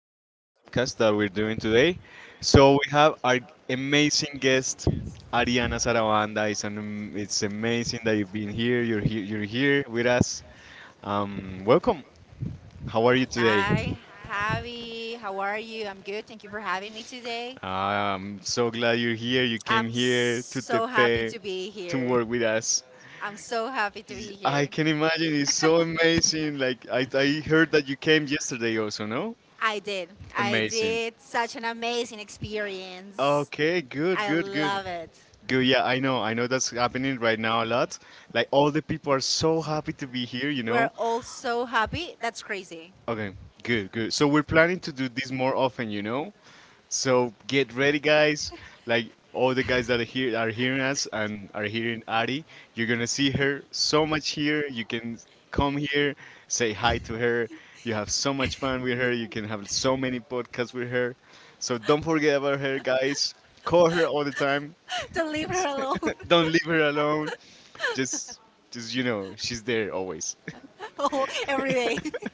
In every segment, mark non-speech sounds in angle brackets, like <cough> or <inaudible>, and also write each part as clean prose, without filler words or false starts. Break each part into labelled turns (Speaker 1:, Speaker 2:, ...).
Speaker 1: podcast that we're doing today. So we have our amazing guest, Ariana Sarabanda. It's amazing that you've been here. You're here. You're here with us. Welcome. How are you today?
Speaker 2: Hi, Javi. How are you? I'm good. Thank you for having me today.
Speaker 1: I'm so glad you're here. You came
Speaker 2: I'm
Speaker 1: here to
Speaker 2: so happy
Speaker 1: Tepe
Speaker 2: to be
Speaker 1: to
Speaker 2: here.
Speaker 1: work with us.
Speaker 2: I'm so happy to be
Speaker 1: I
Speaker 2: here.
Speaker 1: can imagine. It's so amazing. Like I heard that you came yesterday also. No,
Speaker 2: I did. I
Speaker 1: amazing.
Speaker 2: did such an amazing experience.
Speaker 1: Okay, good,
Speaker 2: I
Speaker 1: good, good.
Speaker 2: love it.
Speaker 1: Good, yeah, I know that's happening right now a lot. Like all the people are so happy to be here, you
Speaker 2: We're
Speaker 1: know?
Speaker 2: all so happy. That's crazy.
Speaker 1: Okay, good, good. So we're planning to do this more often, you know? So get ready, guys. Like all the guys that are here are hearing us and are hearing Ari, you're gonna see her so much here. You can come here, say hi to her. You have so much fun with her. You can have so many podcasts with her. So don't forget about her, guys. Call her all the time.
Speaker 2: <laughs> to leave her alone
Speaker 1: <laughs> Don't leave her alone. Just, just she's there always.
Speaker 2: <laughs> every day.
Speaker 1: <laughs>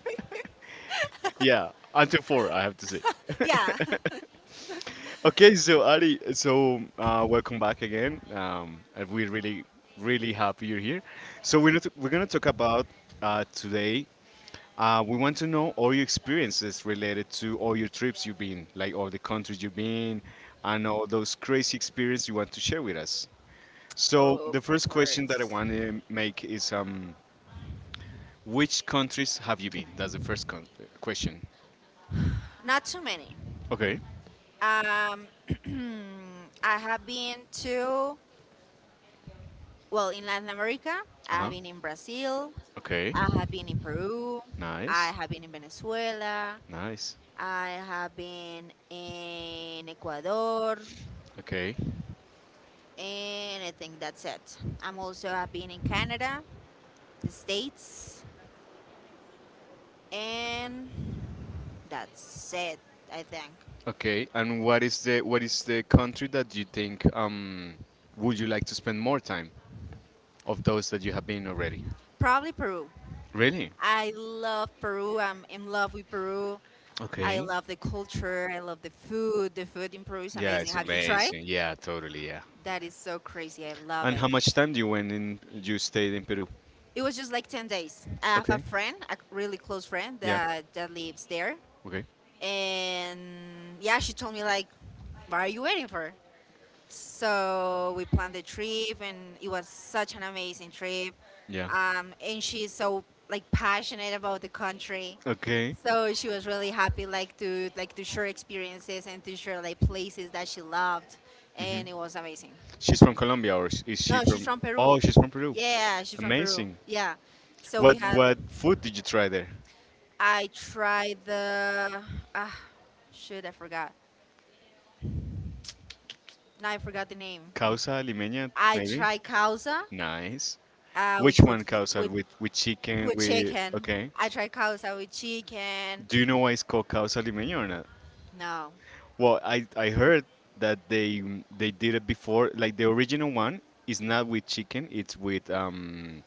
Speaker 1: Yeah, until four, I have to say.
Speaker 2: <laughs>
Speaker 1: <laughs>
Speaker 2: yeah.
Speaker 1: Okay, so Ali, welcome back again. And we're really, really happy you're here. So we're not, we're gonna talk about today. We want to know all your experiences related to all your trips you've been, like all the countries you've been, and all those crazy experiences you want to share with us. So the first question that I want to make is, which countries have you been? That's the first question.
Speaker 2: Not too many.
Speaker 1: Okay.
Speaker 2: Um, <clears throat> I have been to, well, in Latin America,
Speaker 1: Uh
Speaker 2: I have
Speaker 1: huh.
Speaker 2: been in Brazil,
Speaker 1: Okay.
Speaker 2: I have been in Peru, I
Speaker 1: Nice.
Speaker 2: have been in Venezuela,
Speaker 1: Nice.
Speaker 2: I have been in Ecuador,
Speaker 1: Okay.
Speaker 2: and I think that's it. I'm also have been in Canada, the States, and that's it, I think.
Speaker 1: Okay, and what is the country that you think would you like to spend more time of those that you have been already?
Speaker 2: Probably Peru.
Speaker 1: Really?
Speaker 2: I love Peru. I'm in love with Peru. I
Speaker 1: Okay.
Speaker 2: love the culture. I love the food. The food in Peru is
Speaker 1: Yeah,
Speaker 2: amazing.
Speaker 1: it's
Speaker 2: Have you tried?
Speaker 1: amazing. Yeah, totally. Yeah.
Speaker 2: That is so crazy. I love
Speaker 1: And
Speaker 2: it.
Speaker 1: how much time do you went in? You stayed in Peru?
Speaker 2: It was just like 10 days. I have a
Speaker 1: Okay.
Speaker 2: friend, a really close friend
Speaker 1: Yeah.
Speaker 2: that lives there.
Speaker 1: Okay.
Speaker 2: And yeah, she told me like, what are you waiting for? So we planned the trip and it was such an amazing trip.
Speaker 1: Yeah.
Speaker 2: And she's so like passionate about the country.
Speaker 1: Okay.
Speaker 2: So she was really happy, like to share experiences and to share like places that she loved,
Speaker 1: Hmm.
Speaker 2: and it was amazing.
Speaker 1: She's from Colombia, or is she
Speaker 2: No, she's
Speaker 1: from?
Speaker 2: from
Speaker 1: Oh,
Speaker 2: Peru.
Speaker 1: she's from Peru.
Speaker 2: Yeah, she's from Peru.
Speaker 1: Amazing.
Speaker 2: Yeah. So we
Speaker 1: What
Speaker 2: had.
Speaker 1: what food did you try there?
Speaker 2: I tried the. Ah, shoot, I forgot. Now I forgot the name.
Speaker 1: Causa limeña,
Speaker 2: I
Speaker 1: maybe.
Speaker 2: tried causa
Speaker 1: Nice. Which
Speaker 2: with,
Speaker 1: one, causa?
Speaker 2: with
Speaker 1: With chicken?
Speaker 2: with
Speaker 1: With
Speaker 2: chicken.
Speaker 1: okay.
Speaker 2: I tried causa with chicken.
Speaker 1: Do you know why it's called causa limeña or not?
Speaker 2: No.
Speaker 1: Well, I heard that they did it before. Like the original one is not with chicken. It's with um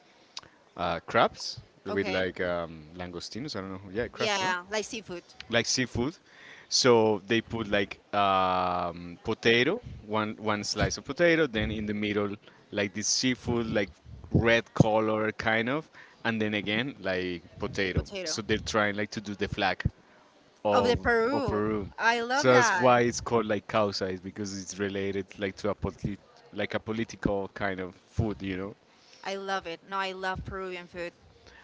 Speaker 1: uh crabs. With
Speaker 2: Okay.
Speaker 1: like langostinos. I don't know. Yeah, crabs. No.
Speaker 2: Yeah, like seafood,
Speaker 1: Like seafood. So they put like potato, one slice of potato, then in the middle like this seafood, like red color kind of, and then again like
Speaker 2: the
Speaker 1: potato.
Speaker 2: potato.
Speaker 1: So they're trying like to do the flag
Speaker 2: Of the
Speaker 1: of
Speaker 2: Peru.
Speaker 1: Peru.
Speaker 2: I love
Speaker 1: So that's
Speaker 2: that.
Speaker 1: why it's called like causa, is because it's related like to a political kind of food, you know.
Speaker 2: I love it. No, I love Peruvian food.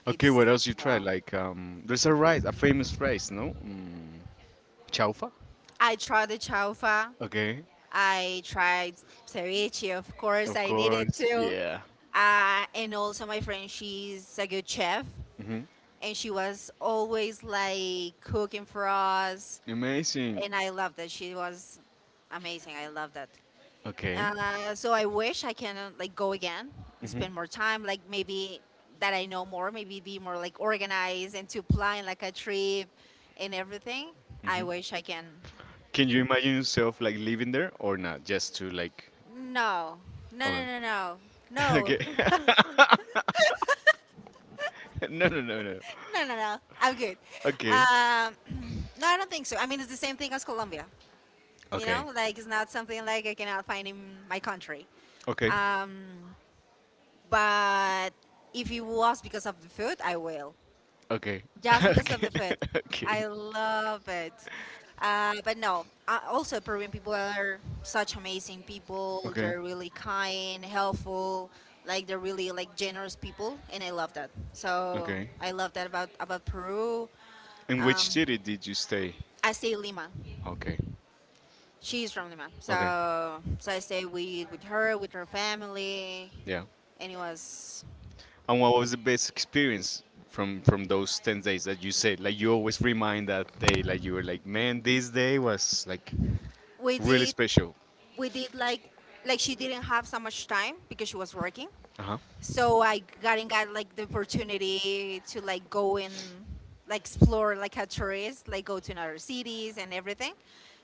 Speaker 1: Okay, what
Speaker 2: It's
Speaker 1: else you try?
Speaker 2: wow.
Speaker 1: Like there's a rice, a famous rice, no? Chaufa.
Speaker 2: I tried the chaufa.
Speaker 1: Okay.
Speaker 2: I tried ceviche, of course.
Speaker 1: Of
Speaker 2: I needed
Speaker 1: course.
Speaker 2: to.
Speaker 1: Yeah.
Speaker 2: And also, my friend, she's a good chef,
Speaker 1: Hmm.
Speaker 2: and she was always like cooking for us.
Speaker 1: Amazing.
Speaker 2: And I loved it. She was amazing. I loved that.
Speaker 1: Okay.
Speaker 2: So I wish I can like go again and spend more time, like maybe that I know more, maybe be more like organized and to plan like a trip and everything. I wish I can.
Speaker 1: Can you imagine yourself like living there or not? Just to like.
Speaker 2: No, no,
Speaker 1: Okay.
Speaker 2: no, no,
Speaker 1: <laughs>
Speaker 2: no, no,
Speaker 1: Okay. <laughs> No, no, no, no.
Speaker 2: no, no, no. I'm good.
Speaker 1: Okay.
Speaker 2: <clears throat> No, I don't think so. I mean, it's the same thing as Colombia. You
Speaker 1: Okay.
Speaker 2: know, like it's not something like I cannot find in my country.
Speaker 1: Okay.
Speaker 2: Um, but if it was because of the food, I will.
Speaker 1: Okay. <laughs>
Speaker 2: Just because of
Speaker 1: Okay.
Speaker 2: the food.
Speaker 1: <laughs> Okay.
Speaker 2: I love it. But no, also Peruvian people are such amazing people.
Speaker 1: Okay.
Speaker 2: They're really kind, helpful, like they're really like generous people, and I love that. So
Speaker 1: Okay.
Speaker 2: I love that about Peru.
Speaker 1: In which
Speaker 2: Um,
Speaker 1: city did you stay?
Speaker 2: I stay in Lima.
Speaker 1: Okay.
Speaker 2: She's from Lima,
Speaker 1: Okay.
Speaker 2: so I stay with her, with her family,
Speaker 1: Yeah.
Speaker 2: and it was
Speaker 1: And what was the best experience from those 10 days that you said? Like you always remind that day, like you were like, man, this day was like
Speaker 2: we
Speaker 1: really
Speaker 2: did
Speaker 1: special.
Speaker 2: we did like she didn't have so much time because she was working
Speaker 1: Uh
Speaker 2: so I got and got like the opportunity to like go and like explore like a tourist, like go to another cities and everything.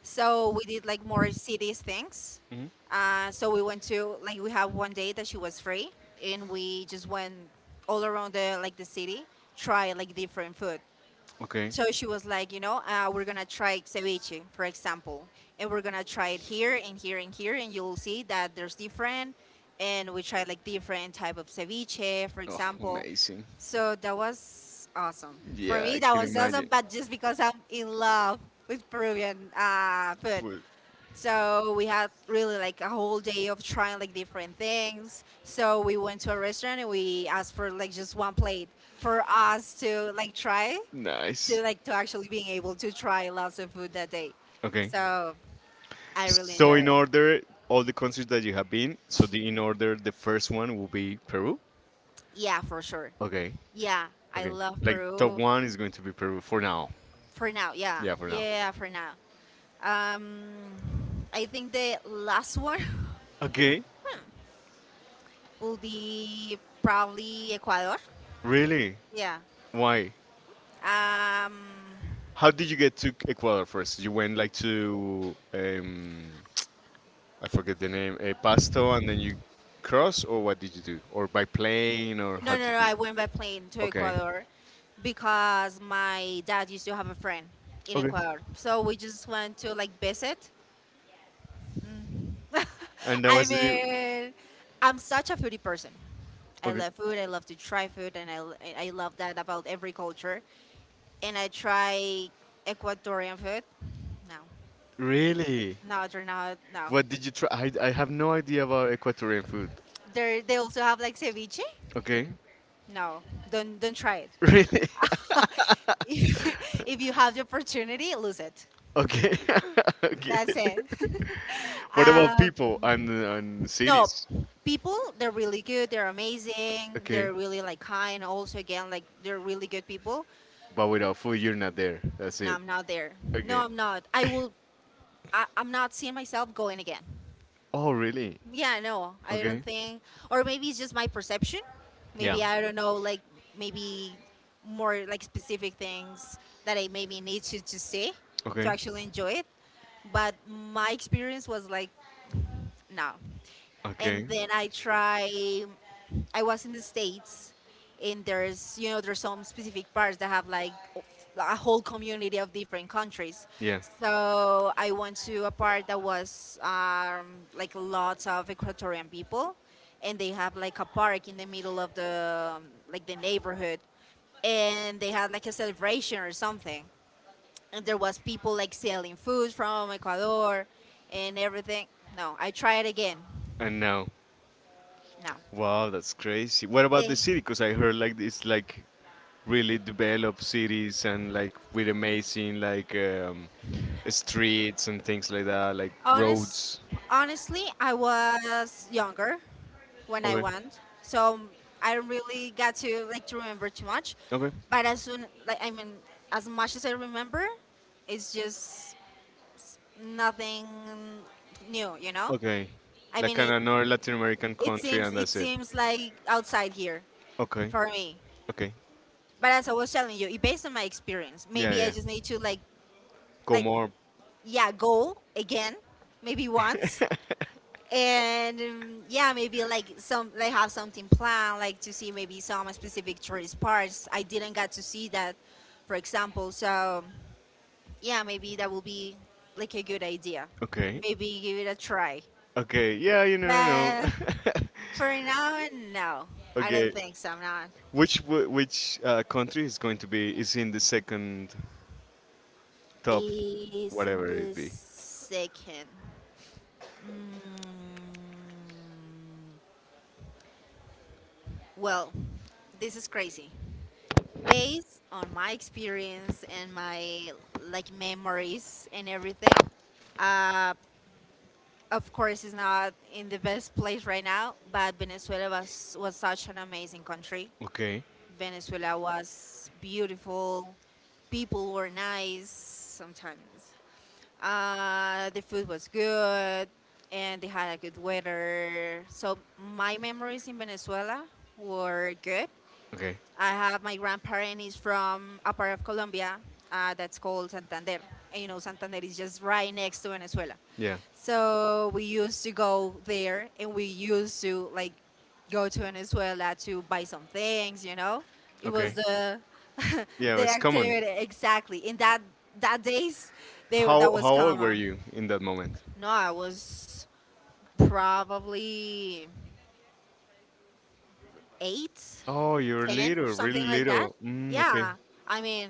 Speaker 2: So we did like more cities things.
Speaker 1: huh.
Speaker 2: So we went to like we have one day that she was free, and we just went all around the like the city, try like different food.
Speaker 1: Okay.
Speaker 2: So she was like, you know, we're gonna try ceviche, for example, and we're gonna try it here and here and here, and you'll see that there's different. And we tried like different type of ceviche, for example.
Speaker 1: Amazing.
Speaker 2: So that was awesome for me. That was awesome, but just because I'm in love with Peruvian
Speaker 1: uh,
Speaker 2: food.
Speaker 1: Food.
Speaker 2: So we had really like a whole day of trying like different things. So we went to a restaurant and we asked for like just one plate for us to like try, to
Speaker 1: Nice.
Speaker 2: like to actually being able to try lots of food that day.
Speaker 1: Like. Okay.
Speaker 2: So
Speaker 1: I
Speaker 2: I
Speaker 1: really
Speaker 2: really enjoy
Speaker 1: So in I
Speaker 2: it.
Speaker 1: order all the countries that you have been, so the in order the first one will be Peru.
Speaker 2: Yeah, for sure.
Speaker 1: Okay.
Speaker 2: Yeah, I
Speaker 1: Okay,
Speaker 2: love
Speaker 1: like top
Speaker 2: Peru
Speaker 1: one is going to be Peru for now.
Speaker 2: for now. Yeah,
Speaker 1: Yeah, for
Speaker 2: yeah,
Speaker 1: now.
Speaker 2: yeah, yeah, for now. Um, I think the last one
Speaker 1: Okay,
Speaker 2: <laughs> hmm, will be probably Ecuador.
Speaker 1: really?
Speaker 2: Yeah.
Speaker 1: Why?
Speaker 2: Um,
Speaker 1: How did you get to Ecuador first? You went like to I forget the name, Pasto, and then you cross, or what did you do? Or by plane, or how
Speaker 2: No, no,
Speaker 1: did
Speaker 2: no.
Speaker 1: you?
Speaker 2: I went by plane to
Speaker 1: Okay,
Speaker 2: Ecuador because my dad used to have a friend in
Speaker 1: okay,
Speaker 2: Ecuador. So we just went to like visit. <laughs>
Speaker 1: and that
Speaker 2: I
Speaker 1: was the
Speaker 2: mean, I'm such a foodie person. I
Speaker 1: okay.
Speaker 2: love food. I love to try food, and I love that about every culture. And I try Ecuadorian food. No,
Speaker 1: Really?
Speaker 2: no, they're not. No,
Speaker 1: What did you try? I have no idea about Ecuadorian food.
Speaker 2: they also have like ceviche.
Speaker 1: Okay. <laughs>
Speaker 2: No, don't try it.
Speaker 1: Really?
Speaker 2: <laughs>
Speaker 1: <laughs>
Speaker 2: if if you have the opportunity, lose it.
Speaker 1: Okay. <laughs> Okay.
Speaker 2: That's it. <laughs>
Speaker 1: What about
Speaker 2: um,
Speaker 1: people and
Speaker 2: no,
Speaker 1: cities?
Speaker 2: people, they're really good. They're amazing.
Speaker 1: Okay.
Speaker 2: They're really like kind. Also, again, like they're really good people.
Speaker 1: But without food, you're not there. That's
Speaker 2: No,
Speaker 1: it.
Speaker 2: I'm not there.
Speaker 1: Okay.
Speaker 2: No, I'm not. I
Speaker 1: <laughs>
Speaker 2: will. I, I'm not seeing myself going again.
Speaker 1: Oh, really?
Speaker 2: Yeah, no, I
Speaker 1: Okay.
Speaker 2: don't think. Or maybe it's just my perception.
Speaker 1: Yeah.
Speaker 2: Maybe I don't know. Like maybe more like specific things that I maybe need to see to
Speaker 1: Okay.
Speaker 2: actually enjoy it. But my experience was like no. And
Speaker 1: Okay.
Speaker 2: then I try. I was in the states, and there's you know there's some specific parts that have like a whole community of different countries.
Speaker 1: Yeah.
Speaker 2: So I went to a part that was like lots of Ecuadorian people, and they have like a park in the middle of the like the neighborhood, and they had like a celebration or something. And there was people like selling food from Ecuador and everything. No, I try it again.
Speaker 1: Now,
Speaker 2: No.
Speaker 1: wow, that's crazy. What about the,
Speaker 2: They
Speaker 1: yeah, city? Because I heard like it's like really developed cities and like with amazing like streets and things like that, like
Speaker 2: honest,
Speaker 1: roads.
Speaker 2: Honestly, I was younger when I
Speaker 1: Okay.
Speaker 2: went, so I don't really got to like to remember too much.
Speaker 1: Okay.
Speaker 2: But as soon, like I mean, as much as I remember, it's just nothing new, you know.
Speaker 1: Okay.
Speaker 2: I mean,
Speaker 1: Like in
Speaker 2: it
Speaker 1: another Latin American
Speaker 2: it
Speaker 1: country,
Speaker 2: seems
Speaker 1: and
Speaker 2: it
Speaker 1: that's it.
Speaker 2: seems like outside here
Speaker 1: Okay.
Speaker 2: for me.
Speaker 1: Okay.
Speaker 2: But as I was telling you, it based on my experience,
Speaker 1: Yeah,
Speaker 2: maybe I
Speaker 1: yeah.
Speaker 2: just need to like
Speaker 1: Como.
Speaker 2: yeah go again, maybe once,
Speaker 1: <laughs>
Speaker 2: and yeah, maybe like some they have something planned like to see maybe some specific tourist parts I didn't get to see that, for example. So yeah, maybe that will be like a good idea.
Speaker 1: Okay.
Speaker 2: Maybe give it a try.
Speaker 1: Okay. Yeah, you never know.
Speaker 2: But for now, no,
Speaker 1: <laughs>
Speaker 2: I don't
Speaker 1: Okay.
Speaker 2: think so, I'm not.
Speaker 1: Which country is going to be is in the second top,
Speaker 2: Is in
Speaker 1: whatever it
Speaker 2: the
Speaker 1: be?
Speaker 2: second. Mm, well, this is crazy based on my experience and my like memories and everything. uh, of course it's not in the best place right now, but Venezuela was such an amazing country.
Speaker 1: Okay.
Speaker 2: Venezuela was beautiful, people were nice sometimes, the food was good, and they had a good weather. So my memories in Venezuela were good.
Speaker 1: Okay.
Speaker 2: I have my grandparent is from a part of Colombia that's called Santander. And Santander is just right next to Venezuela.
Speaker 1: Yeah.
Speaker 2: So we used to go there and we used to like go to Venezuela to buy some things. It was
Speaker 1: Okay.
Speaker 2: the <laughs>
Speaker 1: Yeah,
Speaker 2: the
Speaker 1: it's common.
Speaker 2: activity exactly. In that days they
Speaker 1: How
Speaker 2: that was
Speaker 1: how old were
Speaker 2: common.
Speaker 1: you in that moment?
Speaker 2: No, I was probably eight,
Speaker 1: Oh, you are
Speaker 2: ten,
Speaker 1: little,
Speaker 2: something
Speaker 1: really
Speaker 2: like that.
Speaker 1: little. Mm, yeah, okay.
Speaker 2: Yeah. I mean,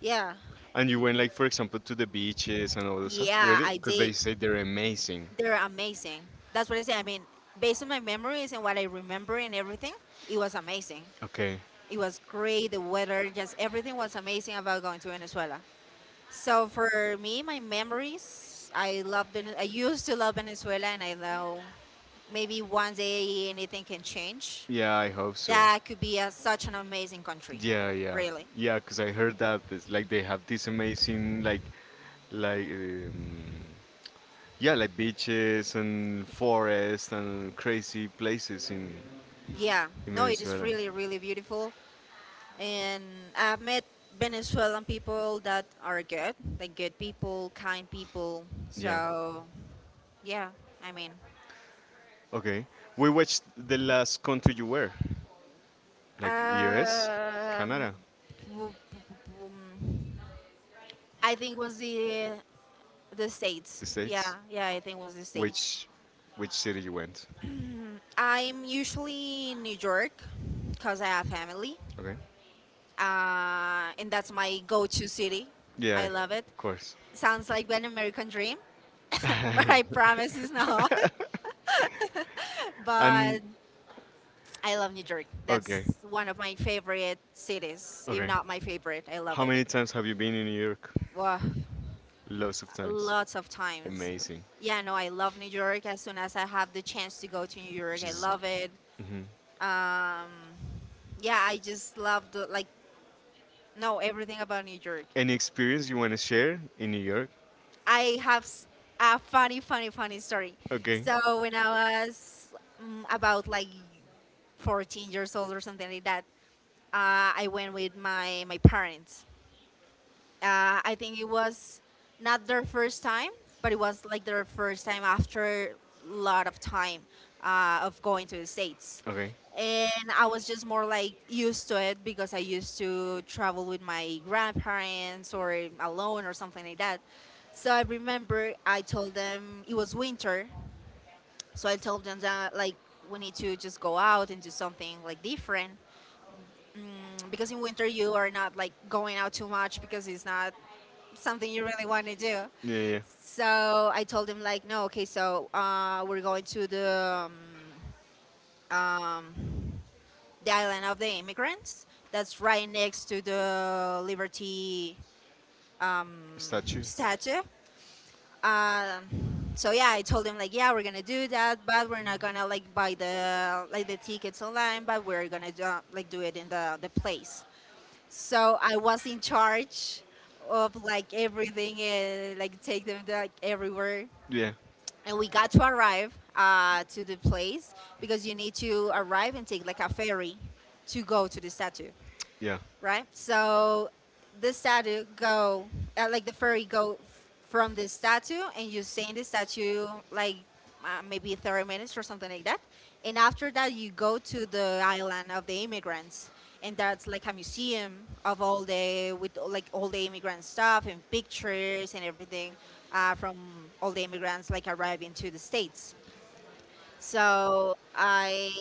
Speaker 2: yeah.
Speaker 1: And you went like for example to the beaches and all those stuff,
Speaker 2: Yeah,
Speaker 1: yeah, really?
Speaker 2: I
Speaker 1: Because they
Speaker 2: did.
Speaker 1: say they're amazing.
Speaker 2: They're amazing. That's what I say. I mean, based on my memories and what I remember and everything, it was amazing.
Speaker 1: Okay.
Speaker 2: It was great. The weather, just everything was amazing about going to Venezuela. So for me, my memories, I love. I used to love Venezuela, and I know maybe one day anything can change.
Speaker 1: Yeah, I hope so. Yeah,
Speaker 2: That could be a, such an amazing country,
Speaker 1: yeah, yeah,
Speaker 2: really.
Speaker 1: yeah. Because I heard that it's like they have this amazing like like um, yeah, like beaches and forests and crazy places in
Speaker 2: Yeah. No, it is
Speaker 1: Venezuela.
Speaker 2: really, really beautiful. And I've met Venezuelan people that are good, like good people, kind people.
Speaker 1: Yeah.
Speaker 2: So yeah, I mean,
Speaker 1: Okay. We watched the last country you were, like US,
Speaker 2: um,
Speaker 1: Canada,
Speaker 2: w- w- um, I think was the
Speaker 1: the
Speaker 2: states. Yeah,
Speaker 1: States.
Speaker 2: yeah, I think was the states.
Speaker 1: Which which city you went?
Speaker 2: Mm, I'm usually in New York because I have family,
Speaker 1: Okay.
Speaker 2: and that's my go-to city. I
Speaker 1: Yeah,
Speaker 2: love it.
Speaker 1: of course.
Speaker 2: Sounds like an American dream, <laughs> but I
Speaker 1: <laughs>
Speaker 2: promise it's not. <laughs>
Speaker 1: And
Speaker 2: but I love New York.
Speaker 1: okay,
Speaker 2: That's one of my favorite cities, if
Speaker 1: okay.
Speaker 2: not my favorite. I love
Speaker 1: How
Speaker 2: it.
Speaker 1: many times have you been in New York?
Speaker 2: Wow,
Speaker 1: Lots of times.
Speaker 2: lots of times.
Speaker 1: Amazing.
Speaker 2: Yeah, no, I love New York. As soon as I have the chance to go to New York, I
Speaker 1: Jesus.
Speaker 2: love it.
Speaker 1: Hmm.
Speaker 2: Um, yeah, I just love the like no everything about New York.
Speaker 1: Any experience you want to share in New York?
Speaker 2: I have a funny, funny, funny story.
Speaker 1: Okay.
Speaker 2: So when I was about like 14 years old or something like that, I went with my parents. I think it was not their first time, but it was like their first time after a lot of time of going to the States.
Speaker 1: Okay.
Speaker 2: And I was just more like used to it because I used to travel with my grandparents or alone or something like that. So I remember I told them it was winter. So I told them that like we need to just go out and do something like different. Because in winter you are not like going out too much because it's not something you really want to do.
Speaker 1: Yeah, yeah, yeah.
Speaker 2: So I told him like, no, okay, we're going to um, um, the island of the immigrants. That's right next to the Liberty
Speaker 1: Statue.
Speaker 2: statue. So yeah, I told him like, yeah, we're gonna do that, but we're not gonna like buy the like the tickets online, but we're gonna do, like do it in the place. So I was in charge of like everything and like take them like everywhere.
Speaker 1: Yeah.
Speaker 2: And we got to arrive to the place because you need to arrive and take like a ferry to go to the statue,
Speaker 1: Yeah.
Speaker 2: right? So the statue go like the fairy go from the statue, and you stay in the statue like maybe 30 minutes or something like that. And after that, you go to the island of the immigrants, and that's like a museum of all the with like all the immigrant stuff and pictures and everything from all the immigrants like arriving to the states. So I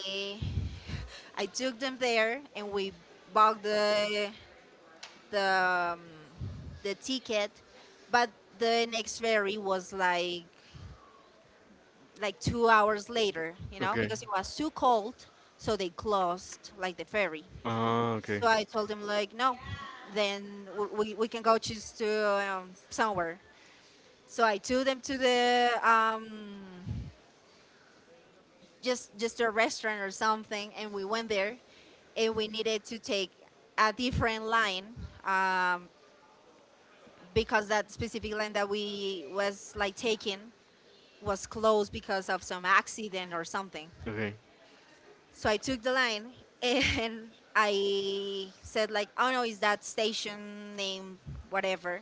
Speaker 2: I took them there and we bought the um, the ticket, but the next ferry was like 2 hours later,
Speaker 1: Okay.
Speaker 2: because it was too cold, so they closed like the ferry.
Speaker 1: Ah, okay.
Speaker 2: So I told him like, no, then we can go choose to somewhere. So I took them to the just a restaurant or something, and we went there, and we needed to take a different line um, because that specific land that we was like taking was closed because of some accident or something.
Speaker 1: Okay.
Speaker 2: So I took the line <laughs> and I said like, oh no, is that station name whatever?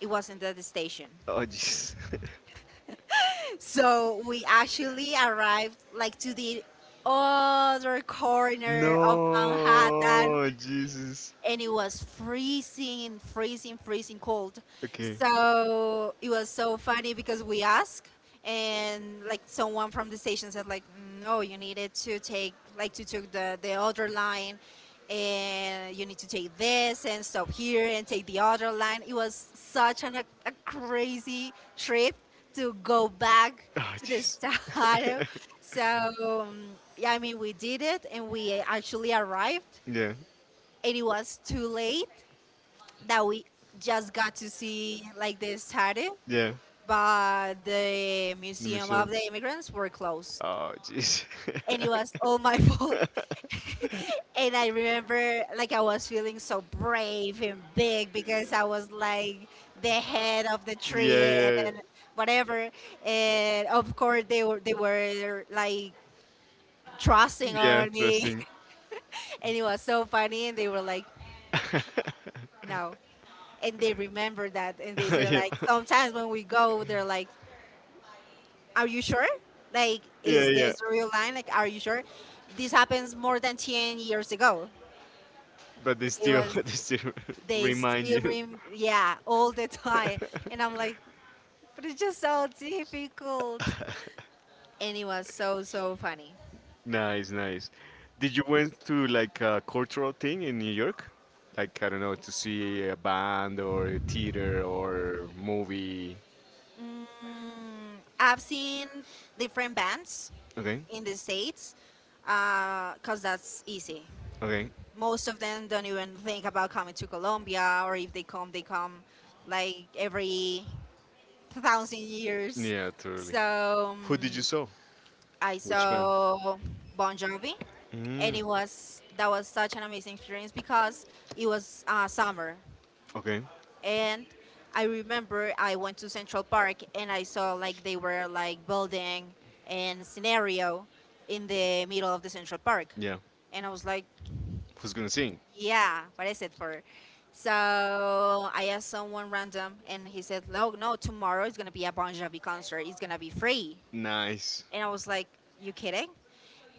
Speaker 2: It wasn't that station.
Speaker 1: Oh, jeez.
Speaker 2: <laughs> So we actually arrived like to the other
Speaker 1: <laughs>
Speaker 2: corner of Manhattan,
Speaker 1: No, Jesus.
Speaker 2: and it was freezing, freezing, freezing cold.
Speaker 1: Okay.
Speaker 2: So it was so funny because we asked, and like someone from the station said, like, no, you needed to take, like, to took the other line, and you need to take this and stop here and take the other line. It was such an, a crazy trip to go back
Speaker 1: Oh,
Speaker 2: to the
Speaker 1: jeez.
Speaker 2: start. <laughs>
Speaker 1: <laughs>
Speaker 2: So um, yeah, I mean, we did it, and we actually arrived,
Speaker 1: Yeah.
Speaker 2: and it was too late, that we just got to see like the statue,
Speaker 1: Yeah.
Speaker 2: but the
Speaker 1: Let me
Speaker 2: museum
Speaker 1: share.
Speaker 2: of the immigrants were closed,
Speaker 1: Oh, jeez. <laughs>
Speaker 2: and it was all my <laughs>
Speaker 1: <laughs>
Speaker 2: fault.
Speaker 1: Yeah,
Speaker 2: <laughs> And I remember, like, I was feeling so brave and big because I was like the head of the
Speaker 1: yeah,
Speaker 2: tree, and,
Speaker 1: yeah.
Speaker 2: and whatever, and of course they were like trusting
Speaker 1: Yeah.
Speaker 2: on me.
Speaker 1: Trusting.
Speaker 2: <laughs> And it was so funny and they were like,
Speaker 1: <laughs>
Speaker 2: no. And they remember that, and they say,
Speaker 1: Yeah,
Speaker 2: like, sometimes when we go, they're like, are you sure, like,
Speaker 1: yeah,
Speaker 2: is
Speaker 1: yeah.
Speaker 2: this a real line, like, are you sure? This happens more than 10 years ago.
Speaker 1: But they
Speaker 2: It
Speaker 1: still, <laughs>
Speaker 2: was,
Speaker 1: they still <laughs>
Speaker 2: they
Speaker 1: remind
Speaker 2: still
Speaker 1: you.
Speaker 2: yeah, all the time, and I'm like, but it's just so difficult.
Speaker 1: <laughs>
Speaker 2: And it was so so funny.
Speaker 1: Nice, nice. Did you went to like a cultural thing in New York? Like I don't know, to see a band or a theater or movie.
Speaker 2: I've seen different bands
Speaker 1: Okay.
Speaker 2: in the states because that's easy.
Speaker 1: Okay.
Speaker 2: Most of them don't even think about coming to Colombia, or if they come, they come like every thousand years.
Speaker 1: Yeah, totally.
Speaker 2: So
Speaker 1: Who did
Speaker 2: um,
Speaker 1: you saw?
Speaker 2: I
Speaker 1: Which band?
Speaker 2: saw Bon Jovi, and
Speaker 1: Mm.
Speaker 2: it was that was such an amazing experience because it was summer,
Speaker 1: Okay.
Speaker 2: and I remember I went to Central Park and I saw like they were like building an scenario in the middle of the Central Park,
Speaker 1: Yeah.
Speaker 2: and I was like,
Speaker 1: Who's gonna sing?
Speaker 2: yeah, what is it for? So I asked someone random, and he said, "No, no, tomorrow is gonna be a Bon Jovi concert. It's gonna be free."
Speaker 1: Nice.
Speaker 2: And I was like, "You kidding?"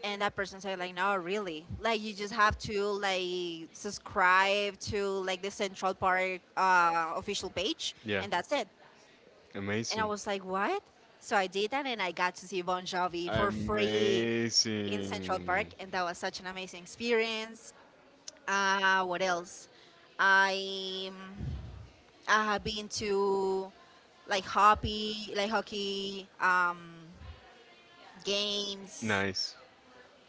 Speaker 2: And that person said, "Like, no, really. Like, you just have to like subscribe to like the Central Park official page,
Speaker 1: Yeah.
Speaker 2: and that's it." And I
Speaker 1: Amazing.
Speaker 2: was like, "What?" So I did that, and I got to see Bon Jovi for free in Central
Speaker 1: Amazing.
Speaker 2: Park, and that was such an amazing experience. What else? I I have been to like hockey games,
Speaker 1: Nice.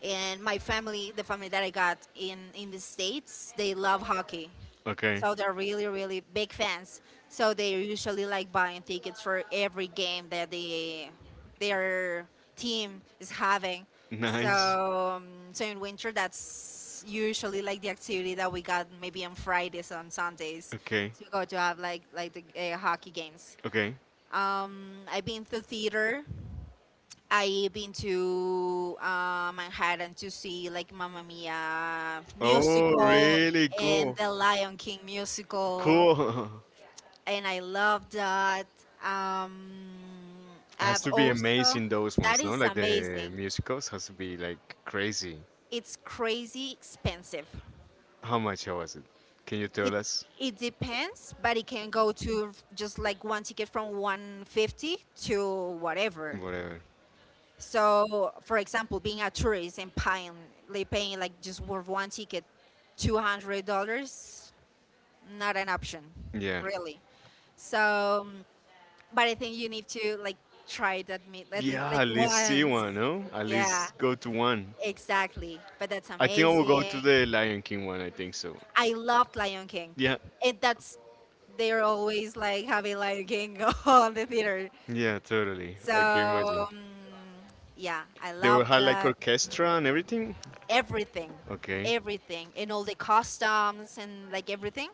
Speaker 2: and my family, the family that I got in the states, they love hockey.
Speaker 1: Okay.
Speaker 2: So they're really, really big fans. So they're usually like buying tickets for every game that they their team is having.
Speaker 1: Nice.
Speaker 2: So in winter, that's usually like the activity that we got maybe on Fridays, on Sundays,
Speaker 1: Okay.
Speaker 2: to go to have like the hockey games.
Speaker 1: Okay.
Speaker 2: I've been to theater. I've been to Manhattan to see like Mamma Mia
Speaker 1: Oh,
Speaker 2: musical
Speaker 1: really
Speaker 2: and
Speaker 1: cool.
Speaker 2: the Lion King musical,
Speaker 1: Cool. <laughs>
Speaker 2: and I love that. Um,
Speaker 1: Has
Speaker 2: I've
Speaker 1: to be
Speaker 2: also,
Speaker 1: amazing those
Speaker 2: that
Speaker 1: ones, no?
Speaker 2: is
Speaker 1: Like the
Speaker 2: amazing.
Speaker 1: musicals has to be like crazy.
Speaker 2: It's crazy expensive.
Speaker 1: How much was it? Can you tell
Speaker 2: It
Speaker 1: us?
Speaker 2: it depends, but it can go to just like one ticket from 150 to whatever.
Speaker 1: Whatever.
Speaker 2: So, for example, being a tourist and paying like just for one ticket, $200, not an option,
Speaker 1: Yeah.
Speaker 2: really. So, but I think you need to like try it at me at least
Speaker 1: Yeah,
Speaker 2: like
Speaker 1: at least see
Speaker 2: once.
Speaker 1: one, no? At
Speaker 2: Yeah,
Speaker 1: least go to one.
Speaker 2: exactly. But that's
Speaker 1: I think I will go
Speaker 2: amazing.
Speaker 1: to the Lion King one, I think so.
Speaker 2: I loved Lion King,
Speaker 1: Yeah.
Speaker 2: and that's they're always like having Lion King <laughs> on the theater.
Speaker 1: Yeah, totally. I can imagine.
Speaker 2: So, yeah, I
Speaker 1: They will
Speaker 2: love
Speaker 1: have like
Speaker 2: that.
Speaker 1: orchestra and everything?
Speaker 2: Everything,
Speaker 1: Okay.
Speaker 2: everything, and all the customs and like everything.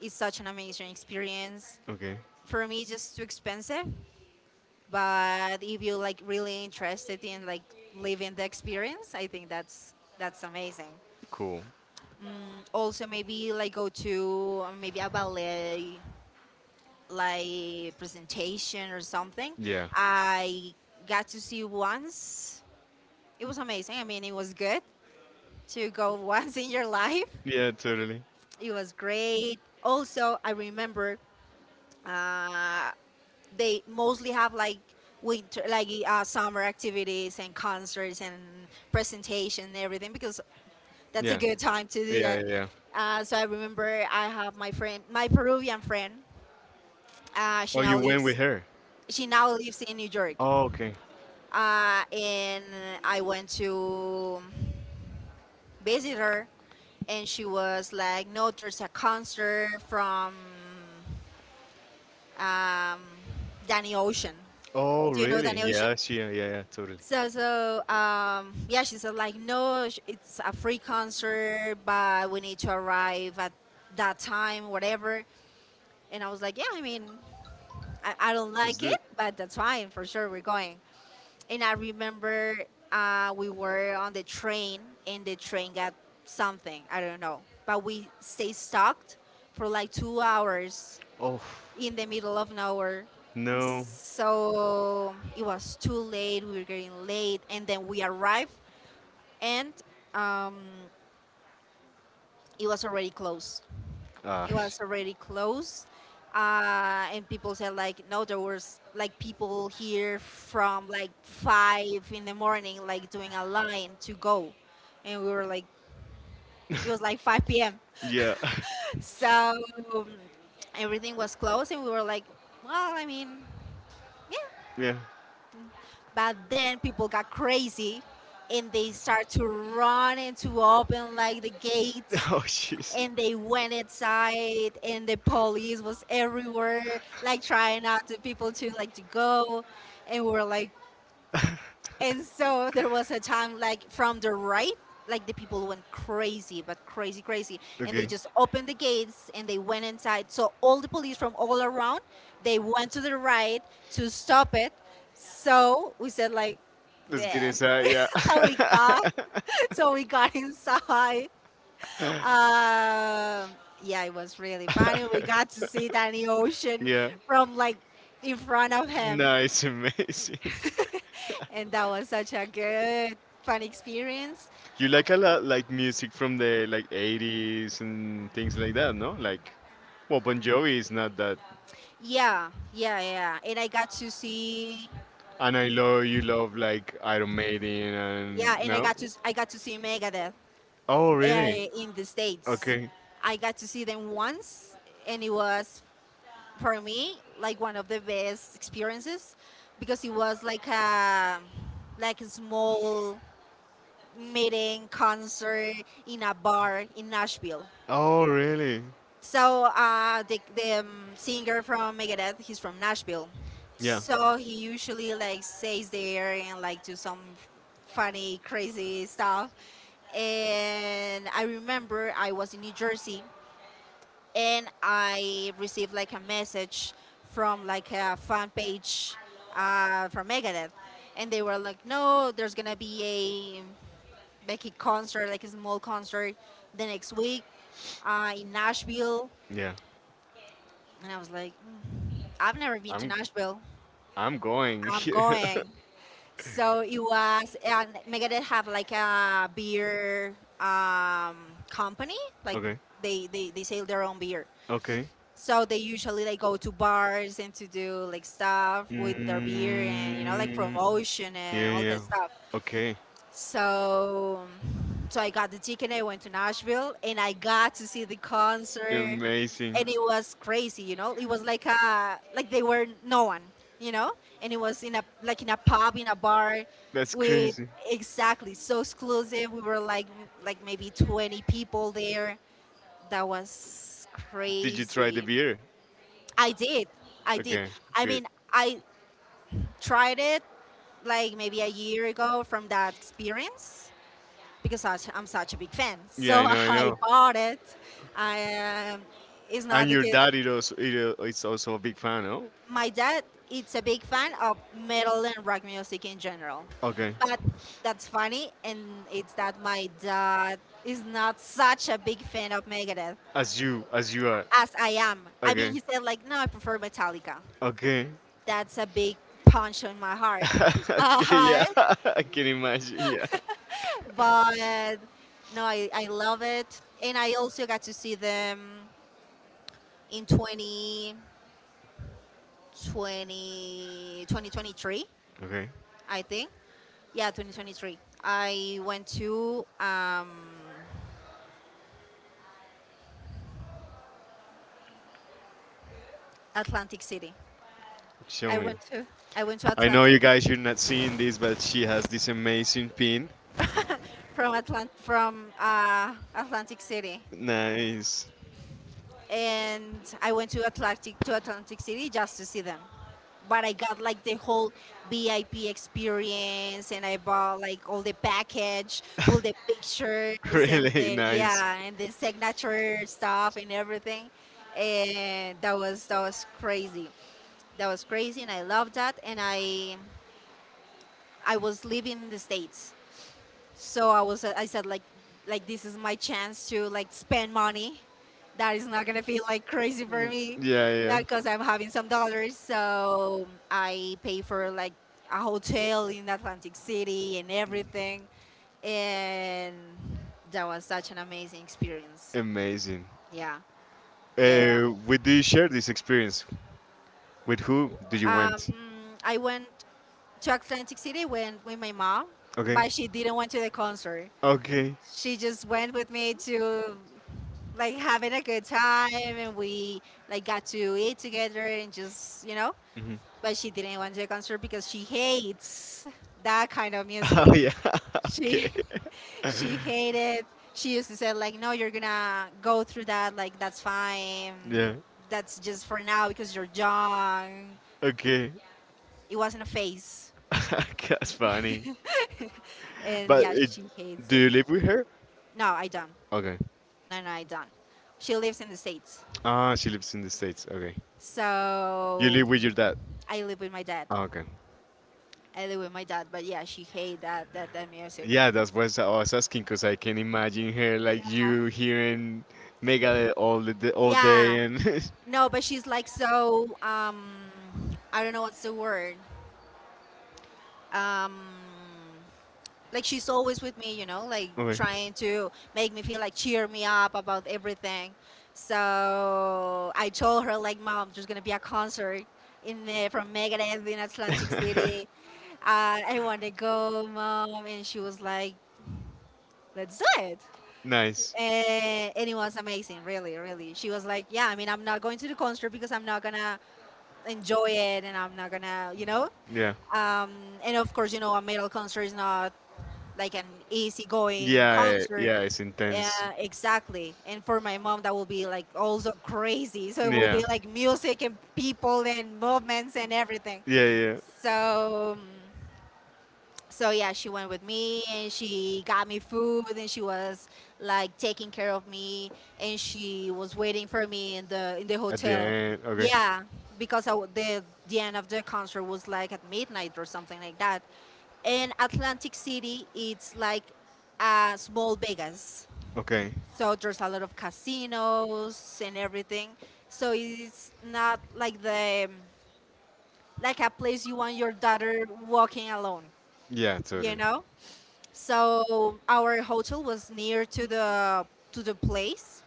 Speaker 2: It's such an amazing experience.
Speaker 1: Okay.
Speaker 2: For me, just too expensive. But if you're like really interested in like living the experience, I think that's amazing.
Speaker 1: Cool.
Speaker 2: Also, maybe like go to maybe a ballet like presentation or something.
Speaker 1: Yeah.
Speaker 2: I got to see once. It was amazing. I mean, it was good to go <laughs> once in your life.
Speaker 1: Yeah, totally.
Speaker 2: It was great. Also, I remember uh, they mostly have like winter, like summer activities and concerts and presentation and everything because that's a
Speaker 1: Yeah.
Speaker 2: good time to do
Speaker 1: Yeah,
Speaker 2: that.
Speaker 1: yeah, yeah.
Speaker 2: So I remember I have my friend, my Peruvian friend. Uh,
Speaker 1: Oh,
Speaker 2: she now
Speaker 1: you went
Speaker 2: lives.
Speaker 1: with her?
Speaker 2: She now lives in New York,
Speaker 1: Oh, okay.
Speaker 2: and I went to visit her, and she was like, "No, there's a concert from" um, Danny Ocean.
Speaker 1: Oh,
Speaker 2: Do you know
Speaker 1: really?
Speaker 2: Danny Ocean?
Speaker 1: Yeah, she, yeah, yeah, yeah, totally.
Speaker 2: So, yeah, she said like, no, it's a free concert, but we need to arrive at that time, whatever. And I was like, yeah, I mean, I don't
Speaker 1: Let's
Speaker 2: like
Speaker 1: do
Speaker 2: it,
Speaker 1: it.
Speaker 2: but that's fine, for sure. We're going. And I remember we were on the train, and the train got something, I don't know, but we stay stuck for like 2 hours
Speaker 1: Oh,
Speaker 2: in the middle of nowhere.
Speaker 1: no.
Speaker 2: So it was too late. We were getting late, and then we arrived, and um, it was already closed.
Speaker 1: Ah,
Speaker 2: It was already closed, and people said like, no, there was like people here from like 5 in the morning, like doing a line to go, and we were like, it was like 5 p.m.
Speaker 1: yeah, <laughs>
Speaker 2: <laughs> so um, everything was closed, and we were like, well, I mean, yeah.
Speaker 1: yeah.
Speaker 2: But then people got crazy, and they start to run and to open like the gates,
Speaker 1: <laughs> Oh, jeez.
Speaker 2: and they went inside, and the police was everywhere, like trying not to people to like to go, and we were like,
Speaker 1: <laughs>
Speaker 2: and so there was a time, like, from the right, like the people went crazy, but crazy, crazy. And they
Speaker 1: Okay.
Speaker 2: just opened the gates, and they went inside. So all the police from all around, they went to the right to stop it. So we said like,
Speaker 1: Let's
Speaker 2: yeah.
Speaker 1: get inside. Yeah.
Speaker 2: <laughs> So we got, <laughs> so we got inside. Um, yeah, it was really funny. We got to see Danny Ocean
Speaker 1: <laughs> Yeah.
Speaker 2: from like in front of him.
Speaker 1: Nice, amazing. <laughs>
Speaker 2: <laughs> And that was such a good fun experience.
Speaker 1: You like a lot like music from the like 80s and things like that, no? Like, well, Bon Jovi is not that.
Speaker 2: Yeah, yeah, yeah. And I got to see,
Speaker 1: And I love you love like Iron Maiden
Speaker 2: yeah.
Speaker 1: and
Speaker 2: And
Speaker 1: no.
Speaker 2: I got to see Megadeth
Speaker 1: Oh, really?
Speaker 2: uh, in the states.
Speaker 1: Okay.
Speaker 2: I got to see them once, and it was, for me, like one of the best experiences, because it was like a small meeting concert in a bar in Nashville.
Speaker 1: Oh, really?
Speaker 2: So the singer from Megadeth, he's from Nashville,
Speaker 1: Yeah.
Speaker 2: so he usually like stays there and like do some funny, crazy stuff. And I remember I was in New Jersey and I received like a message from like a fan page from Megadeth, and they were like, "No, there's gonna be a like a concert, like a small concert the next week in Nashville."
Speaker 1: Yeah.
Speaker 2: And I was like, "Mm, I've never been to
Speaker 1: I'm
Speaker 2: Nashville.
Speaker 1: I'm going.
Speaker 2: I'm
Speaker 1: <laughs>
Speaker 2: going." So it was, and Megadeth have like a beer company. Like
Speaker 1: Okay.
Speaker 2: they sell their own beer.
Speaker 1: Okay.
Speaker 2: So they usually like go to bars and to do like stuff with their beer and like
Speaker 1: Mm,
Speaker 2: promotion and
Speaker 1: yeah,
Speaker 2: all
Speaker 1: yeah.
Speaker 2: that stuff.
Speaker 1: Okay.
Speaker 2: So, so, I got the ticket. I went to Nashville, and I got to see the concert,
Speaker 1: Amazing.
Speaker 2: and it was crazy. You know, it was like a they were no one. You know, and it was in a pub in a bar,
Speaker 1: That's
Speaker 2: with
Speaker 1: crazy.
Speaker 2: exactly so exclusive. We were like maybe 20 people there. That was
Speaker 1: Did you try the
Speaker 2: crazy.
Speaker 1: beer?
Speaker 2: I did, I did.
Speaker 1: Okay,
Speaker 2: I
Speaker 1: good.
Speaker 2: mean, I tried it like maybe a year ago from that experience because I'm such a big fan.
Speaker 1: Yeah, I
Speaker 2: So
Speaker 1: so know,
Speaker 2: <laughs>
Speaker 1: I
Speaker 2: I
Speaker 1: know.
Speaker 2: bought it. I, um it's not
Speaker 1: And
Speaker 2: the
Speaker 1: your
Speaker 2: case.
Speaker 1: dad is also, a big fan, no?
Speaker 2: My dad is a big fan of metal and rock music in general.
Speaker 1: Okay.
Speaker 2: But that's funny, and it's that my dad is not such a big fan of Megadeth
Speaker 1: As you are.
Speaker 2: as I am. I mean,
Speaker 1: Okay.
Speaker 2: he said, like, no, I prefer Metallica.
Speaker 1: Okay.
Speaker 2: That's a big punch in my heart. <laughs>
Speaker 1: <laughs> Okay, yeah.
Speaker 2: But,
Speaker 1: <laughs> I can imagine, yeah.
Speaker 2: but no, I love it. And I also got to see them in 2023,
Speaker 1: Okay,
Speaker 2: I think. Yeah, 2023. I went to Atlantic City.
Speaker 1: show
Speaker 2: I
Speaker 1: me.
Speaker 2: went to I went to
Speaker 1: I know
Speaker 2: Atlantic
Speaker 1: you guys, you're not seeing this, but she has this amazing pin.
Speaker 2: from Atlant from Atlantic City.
Speaker 1: Nice.
Speaker 2: And I went to Atlantic City just to see them. But I got like the whole VIP experience, and I bought like all the package, all the
Speaker 1: <laughs>
Speaker 2: pictures, and
Speaker 1: Really nice.
Speaker 2: and the signature stuff and everything. And that was crazy. That was crazy, and I loved that. And I was living in the states so I was I said like this is my chance to like spend money that is not gonna feel like crazy for me
Speaker 1: Yeah, yeah.
Speaker 2: because I'm having some dollars. So I pay for like a hotel in Atlantic City and everything, and that was such an amazing experience.
Speaker 1: Amazing.
Speaker 2: Yeah, yeah.
Speaker 1: With do you share this experience? With who do you
Speaker 2: Um,
Speaker 1: went?
Speaker 2: I went to Atlantic City when with my mom,
Speaker 1: Okay.
Speaker 2: but she didn't went to the concert.
Speaker 1: Okay.
Speaker 2: She just went with me to like having a good time and we like got to eat together and just you know.
Speaker 1: Hmm.
Speaker 2: But she didn't want to a concert because she hates that kind of
Speaker 1: <laughs>
Speaker 2: music.
Speaker 1: Oh yeah. <laughs> Okay.
Speaker 2: She <laughs>
Speaker 1: <laughs>
Speaker 2: she hated She used to say like, no, you're gonna go through that, like that's fine,
Speaker 1: Yeah.
Speaker 2: that's just for now because you're young.
Speaker 1: Okay.
Speaker 2: It wasn't a phase.
Speaker 1: <laughs> That's funny.
Speaker 2: <laughs> And
Speaker 1: But
Speaker 2: yeah,
Speaker 1: it,
Speaker 2: she hates
Speaker 1: do
Speaker 2: it.
Speaker 1: you live with her?
Speaker 2: No, I don't.
Speaker 1: Okay.
Speaker 2: No, I don't. She lives in the states,
Speaker 1: Ah, she lives in the States. Okay. You
Speaker 2: so
Speaker 1: live with your dad?
Speaker 2: I live with my dad.
Speaker 1: Ah, okay.
Speaker 2: I live with my dad, but yeah, she hate that music.
Speaker 1: Yeah, that's what I was asking because I can imagine her like you hearing Megadeth all the day, all day
Speaker 2: Yeah,
Speaker 1: and <laughs>
Speaker 2: no, but she's like so. I don't know what's the word. Um, like she's always with me, you know, like
Speaker 1: Okay.
Speaker 2: trying to make me feel like cheer me up about everything. So I told her like, Mom, there's gonna be a concert in there from Megadeth in Atlantic City.
Speaker 1: <laughs>
Speaker 2: I want to go, Mom. And she was like, Let's do it.
Speaker 1: Nice.
Speaker 2: And it was amazing, really really. She was like, yeah, I mean, I'm not going to the concert because I'm not gonna enjoy it, and I'm not gonna, you know.
Speaker 1: Yeah.
Speaker 2: um, and of course, you know, a metal concert is not like an easygoing
Speaker 1: Yeah,
Speaker 2: concert.
Speaker 1: yeah, it's intense.
Speaker 2: uh, exactly. And for my mom that will be like also crazy, so it will
Speaker 1: Yeah.
Speaker 2: be like music and people and movements and everything.
Speaker 1: Yeah, yeah.
Speaker 2: So Um, so yeah, she went with me, and she got me food, and she was like taking care of me, and she was waiting for me in the
Speaker 1: At the
Speaker 2: hotel.
Speaker 1: end. Okay.
Speaker 2: Yeah, because the end of the concert was like at midnight or something like that. And Atlantic City, it's like a small Vegas.
Speaker 1: Okay.
Speaker 2: So there's a lot of casinos and everything. So it's not like the like a place you want your daughter walking alone,
Speaker 1: Yeah,
Speaker 2: you
Speaker 1: totally.
Speaker 2: know? So our hotel was near to the place,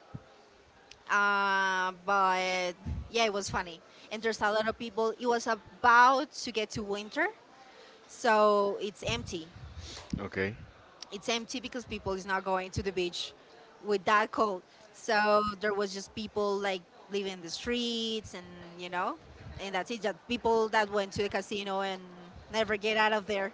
Speaker 2: but yeah, it was funny. And there's a lot of people. It was about to get to winter, so it's empty.
Speaker 1: Okay.
Speaker 2: It's empty because people is not going to the beach with that cold. So there was just people like living in the streets, and you know, and that's it. Just people that went to the casino and never get out of there.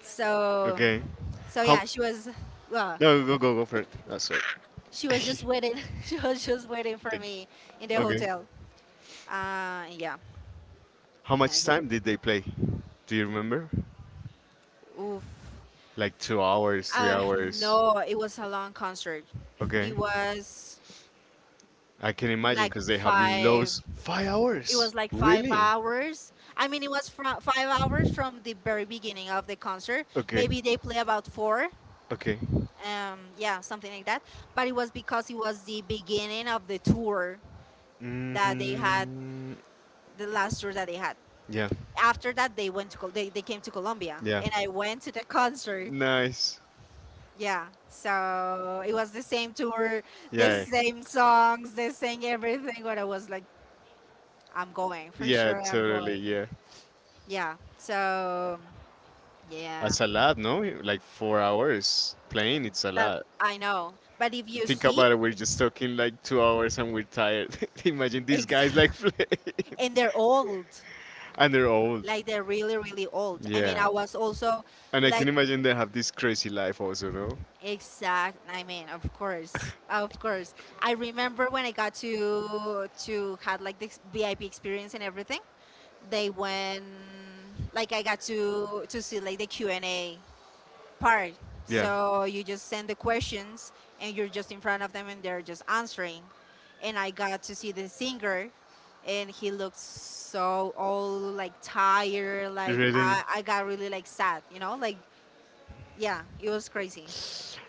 Speaker 2: So
Speaker 1: Okay.
Speaker 2: so
Speaker 1: How?
Speaker 2: yeah, she was well.
Speaker 1: No, go go go for it. That's right.
Speaker 2: She was just
Speaker 1: <laughs>
Speaker 2: waiting. <laughs> She was just waiting for
Speaker 1: Thank-
Speaker 2: me in the
Speaker 1: okay.
Speaker 2: hotel. Yeah,
Speaker 1: How much
Speaker 2: that's it.
Speaker 1: time did they play? Do you remember?
Speaker 2: Oof.
Speaker 1: Like 2 hours, three
Speaker 2: Uh,
Speaker 1: hours.
Speaker 2: no, it was a long concert.
Speaker 1: Okay.
Speaker 2: It was
Speaker 1: I can imagine
Speaker 2: like
Speaker 1: because they have
Speaker 2: five.
Speaker 1: loads. Five
Speaker 2: It
Speaker 1: hours?
Speaker 2: was like five
Speaker 1: Really?
Speaker 2: hours. I mean, it was from 5 hours from the very beginning of the concert.
Speaker 1: Okay.
Speaker 2: Maybe they play about four.
Speaker 1: Okay.
Speaker 2: Yeah, something like that. But it was because it was the beginning of the tour that they had,
Speaker 1: Mm,
Speaker 2: the last tour that they had.
Speaker 1: yeah.
Speaker 2: After that they went to they, came to Colombia
Speaker 1: Yeah.
Speaker 2: and I went to the concert.
Speaker 1: Nice.
Speaker 2: Yeah. So it was the same tour, the
Speaker 1: Yeah,
Speaker 2: same
Speaker 1: yeah.
Speaker 2: songs, they sang everything, but I was like, I'm going, for
Speaker 1: Yeah,
Speaker 2: sure I'm
Speaker 1: totally.
Speaker 2: going.
Speaker 1: Yeah.
Speaker 2: Yeah. So yeah.
Speaker 1: It's a lot, no? Like 4 hours playing, it's a
Speaker 2: That
Speaker 1: lot.
Speaker 2: I know. But if you
Speaker 1: Think
Speaker 2: see
Speaker 1: about it, we're just talking like 2 hours and we're tired. <laughs> Imagine these
Speaker 2: ex-
Speaker 1: guys like
Speaker 2: <laughs>
Speaker 1: playing
Speaker 2: and
Speaker 1: <laughs>
Speaker 2: they're old.
Speaker 1: and they're old.
Speaker 2: Like they're really really old. I mean, I
Speaker 1: Yeah.
Speaker 2: was also
Speaker 1: And I
Speaker 2: like.
Speaker 1: can imagine they have this crazy life also, no?
Speaker 2: Exact. I mean, of course, of course. I remember when I got to had like this VIP experience and everything. They went like I got to see like the Q and A part.
Speaker 1: Yeah.
Speaker 2: So you just send the questions and you're just in front of them, and they're just answering. And I got to see the singer, and he looked so all like tired. Like
Speaker 1: Really?
Speaker 2: I got really like sad. You know, like yeah, it was crazy.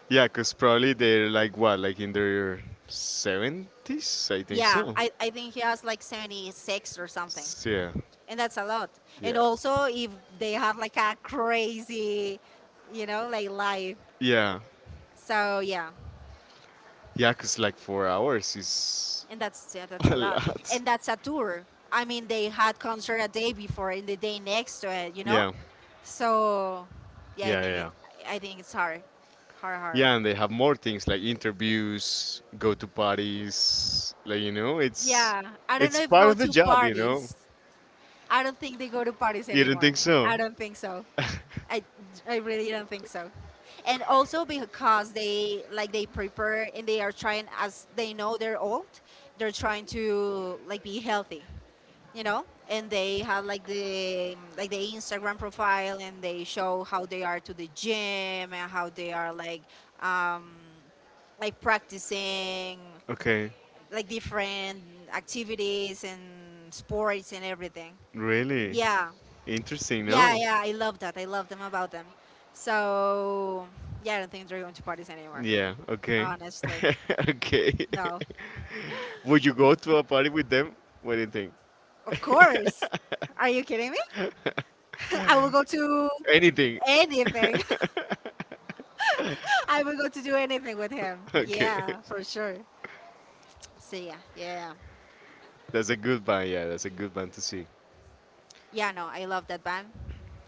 Speaker 1: Yeah, because probably they're like what, like in their 70s? I think
Speaker 2: Yeah,
Speaker 1: so.
Speaker 2: I think he has like 76 or something.
Speaker 1: Yeah,
Speaker 2: And that's a lot. And
Speaker 1: yeah,
Speaker 2: also, if they had like a crazy, you know, like life.
Speaker 1: yeah.
Speaker 2: So, yeah.
Speaker 1: Yeah, because like 4 hours is
Speaker 2: And that's yeah,
Speaker 1: <laughs>
Speaker 2: that's a
Speaker 1: a
Speaker 2: lot.
Speaker 1: lot.
Speaker 2: And that's a tour. I mean, they had concert a day before and the day next to it, you know?
Speaker 1: Yeah,
Speaker 2: So, yeah, I
Speaker 1: yeah, yeah.
Speaker 2: think it,
Speaker 1: Yeah,
Speaker 2: I think it's hard. Hard, hard.
Speaker 1: yeah, and they have more things like interviews, go to parties, like it's
Speaker 2: Yeah, I don't
Speaker 1: it's
Speaker 2: know if
Speaker 1: part
Speaker 2: go
Speaker 1: of the
Speaker 2: to
Speaker 1: job, you know.
Speaker 2: parties. I don't think they go to parties
Speaker 1: You don't
Speaker 2: anymore.
Speaker 1: think so?
Speaker 2: I don't think so.
Speaker 1: <laughs>
Speaker 2: I, I really don't think so. And also because they like they prepare, and they are trying, as they know they're old, they're trying to like be healthy, you know? And they have like the Instagram profile, and they show how they are to the gym and how they are um like practicing
Speaker 1: Okay,
Speaker 2: like different activities and sports and everything.
Speaker 1: really?
Speaker 2: Yeah.
Speaker 1: Interesting,
Speaker 2: Yeah,
Speaker 1: no?
Speaker 2: yeah, I love that. I love them about them. So, yeah, I don't think they're going to parties anymore,
Speaker 1: Yeah, okay. <laughs>
Speaker 2: honestly.
Speaker 1: Okay. <laughs>
Speaker 2: No.
Speaker 1: Would you go to a party with them? What do you think?
Speaker 2: Of course. Are you kidding me? <laughs> I will go to
Speaker 1: <laughs> Anything.
Speaker 2: anything.
Speaker 1: <laughs>
Speaker 2: <laughs> I will go to do anything with him.
Speaker 1: Okay,
Speaker 2: Yeah, for sure. So, yeah, yeah, yeah.
Speaker 1: that's a good band. Yeah, that's a good band to see.
Speaker 2: Yeah, no, I love that band.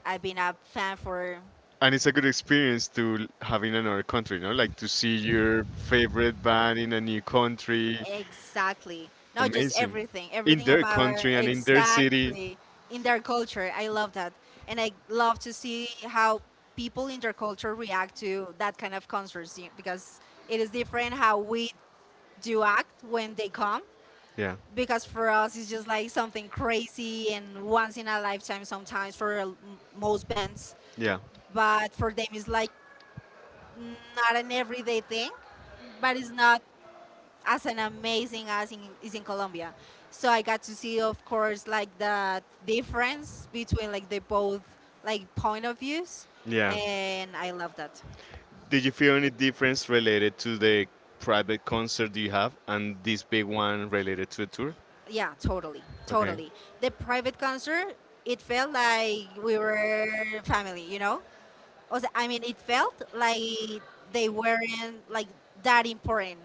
Speaker 2: I've been a fan for.
Speaker 1: And it's a good experience to have in another country, no? Like to see your favorite band in a new country,
Speaker 2: Exactly. Not just
Speaker 1: amazing.
Speaker 2: everything,
Speaker 1: In
Speaker 2: everything
Speaker 1: their
Speaker 2: about
Speaker 1: country and in their city.
Speaker 2: exactly in their culture. I love that. And I love to see how people in their culture react to that kind of concerts because it is different how we do act when they come.
Speaker 1: Yeah,
Speaker 2: Because for us, it's just like something crazy and once in a lifetime sometimes for most bands.
Speaker 1: yeah.
Speaker 2: But for them, it's like not an everyday thing, but it's not as an amazing as is in Colombia. So I got to see, of course, like the difference between like the both like point of views,
Speaker 1: Yeah.
Speaker 2: and I love that.
Speaker 1: Did you feel any difference related to the private concert you have and this big one related to the tour?
Speaker 2: Yeah, totally,
Speaker 1: Okay.
Speaker 2: totally. The private concert, it felt like we were family, you know. Also, I mean, it felt like they weren't like that important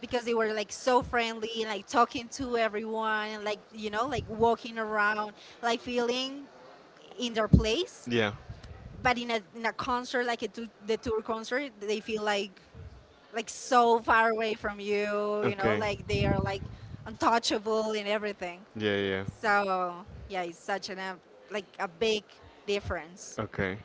Speaker 2: because they were like so friendly, like talking to everyone, like you know, like walking around, like feeling in their place.
Speaker 1: Yeah.
Speaker 2: But in a concert, like the tour concert, they feel like so far away from you, you know,
Speaker 1: Okay.
Speaker 2: like they are like untouchable and everything.
Speaker 1: Yeah, yeah.
Speaker 2: So yeah, it's such an like a big difference.
Speaker 1: Okay.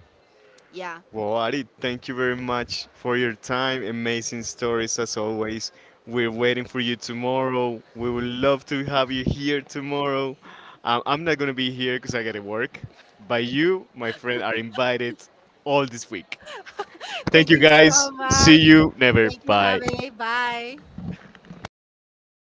Speaker 2: Yeah.
Speaker 1: Well, Ari, thank you very much for your time. Amazing stories as always. We're waiting for you tomorrow. We would love to have you here tomorrow. I'm not going to be here because I got to work, but you, my friend, are invited all this week.
Speaker 2: <laughs>
Speaker 1: Thank
Speaker 2: Thank
Speaker 1: you
Speaker 2: you so
Speaker 1: guys. See
Speaker 2: much.
Speaker 1: you never.
Speaker 2: Thank you,
Speaker 1: Bye.
Speaker 2: Javi. Bye.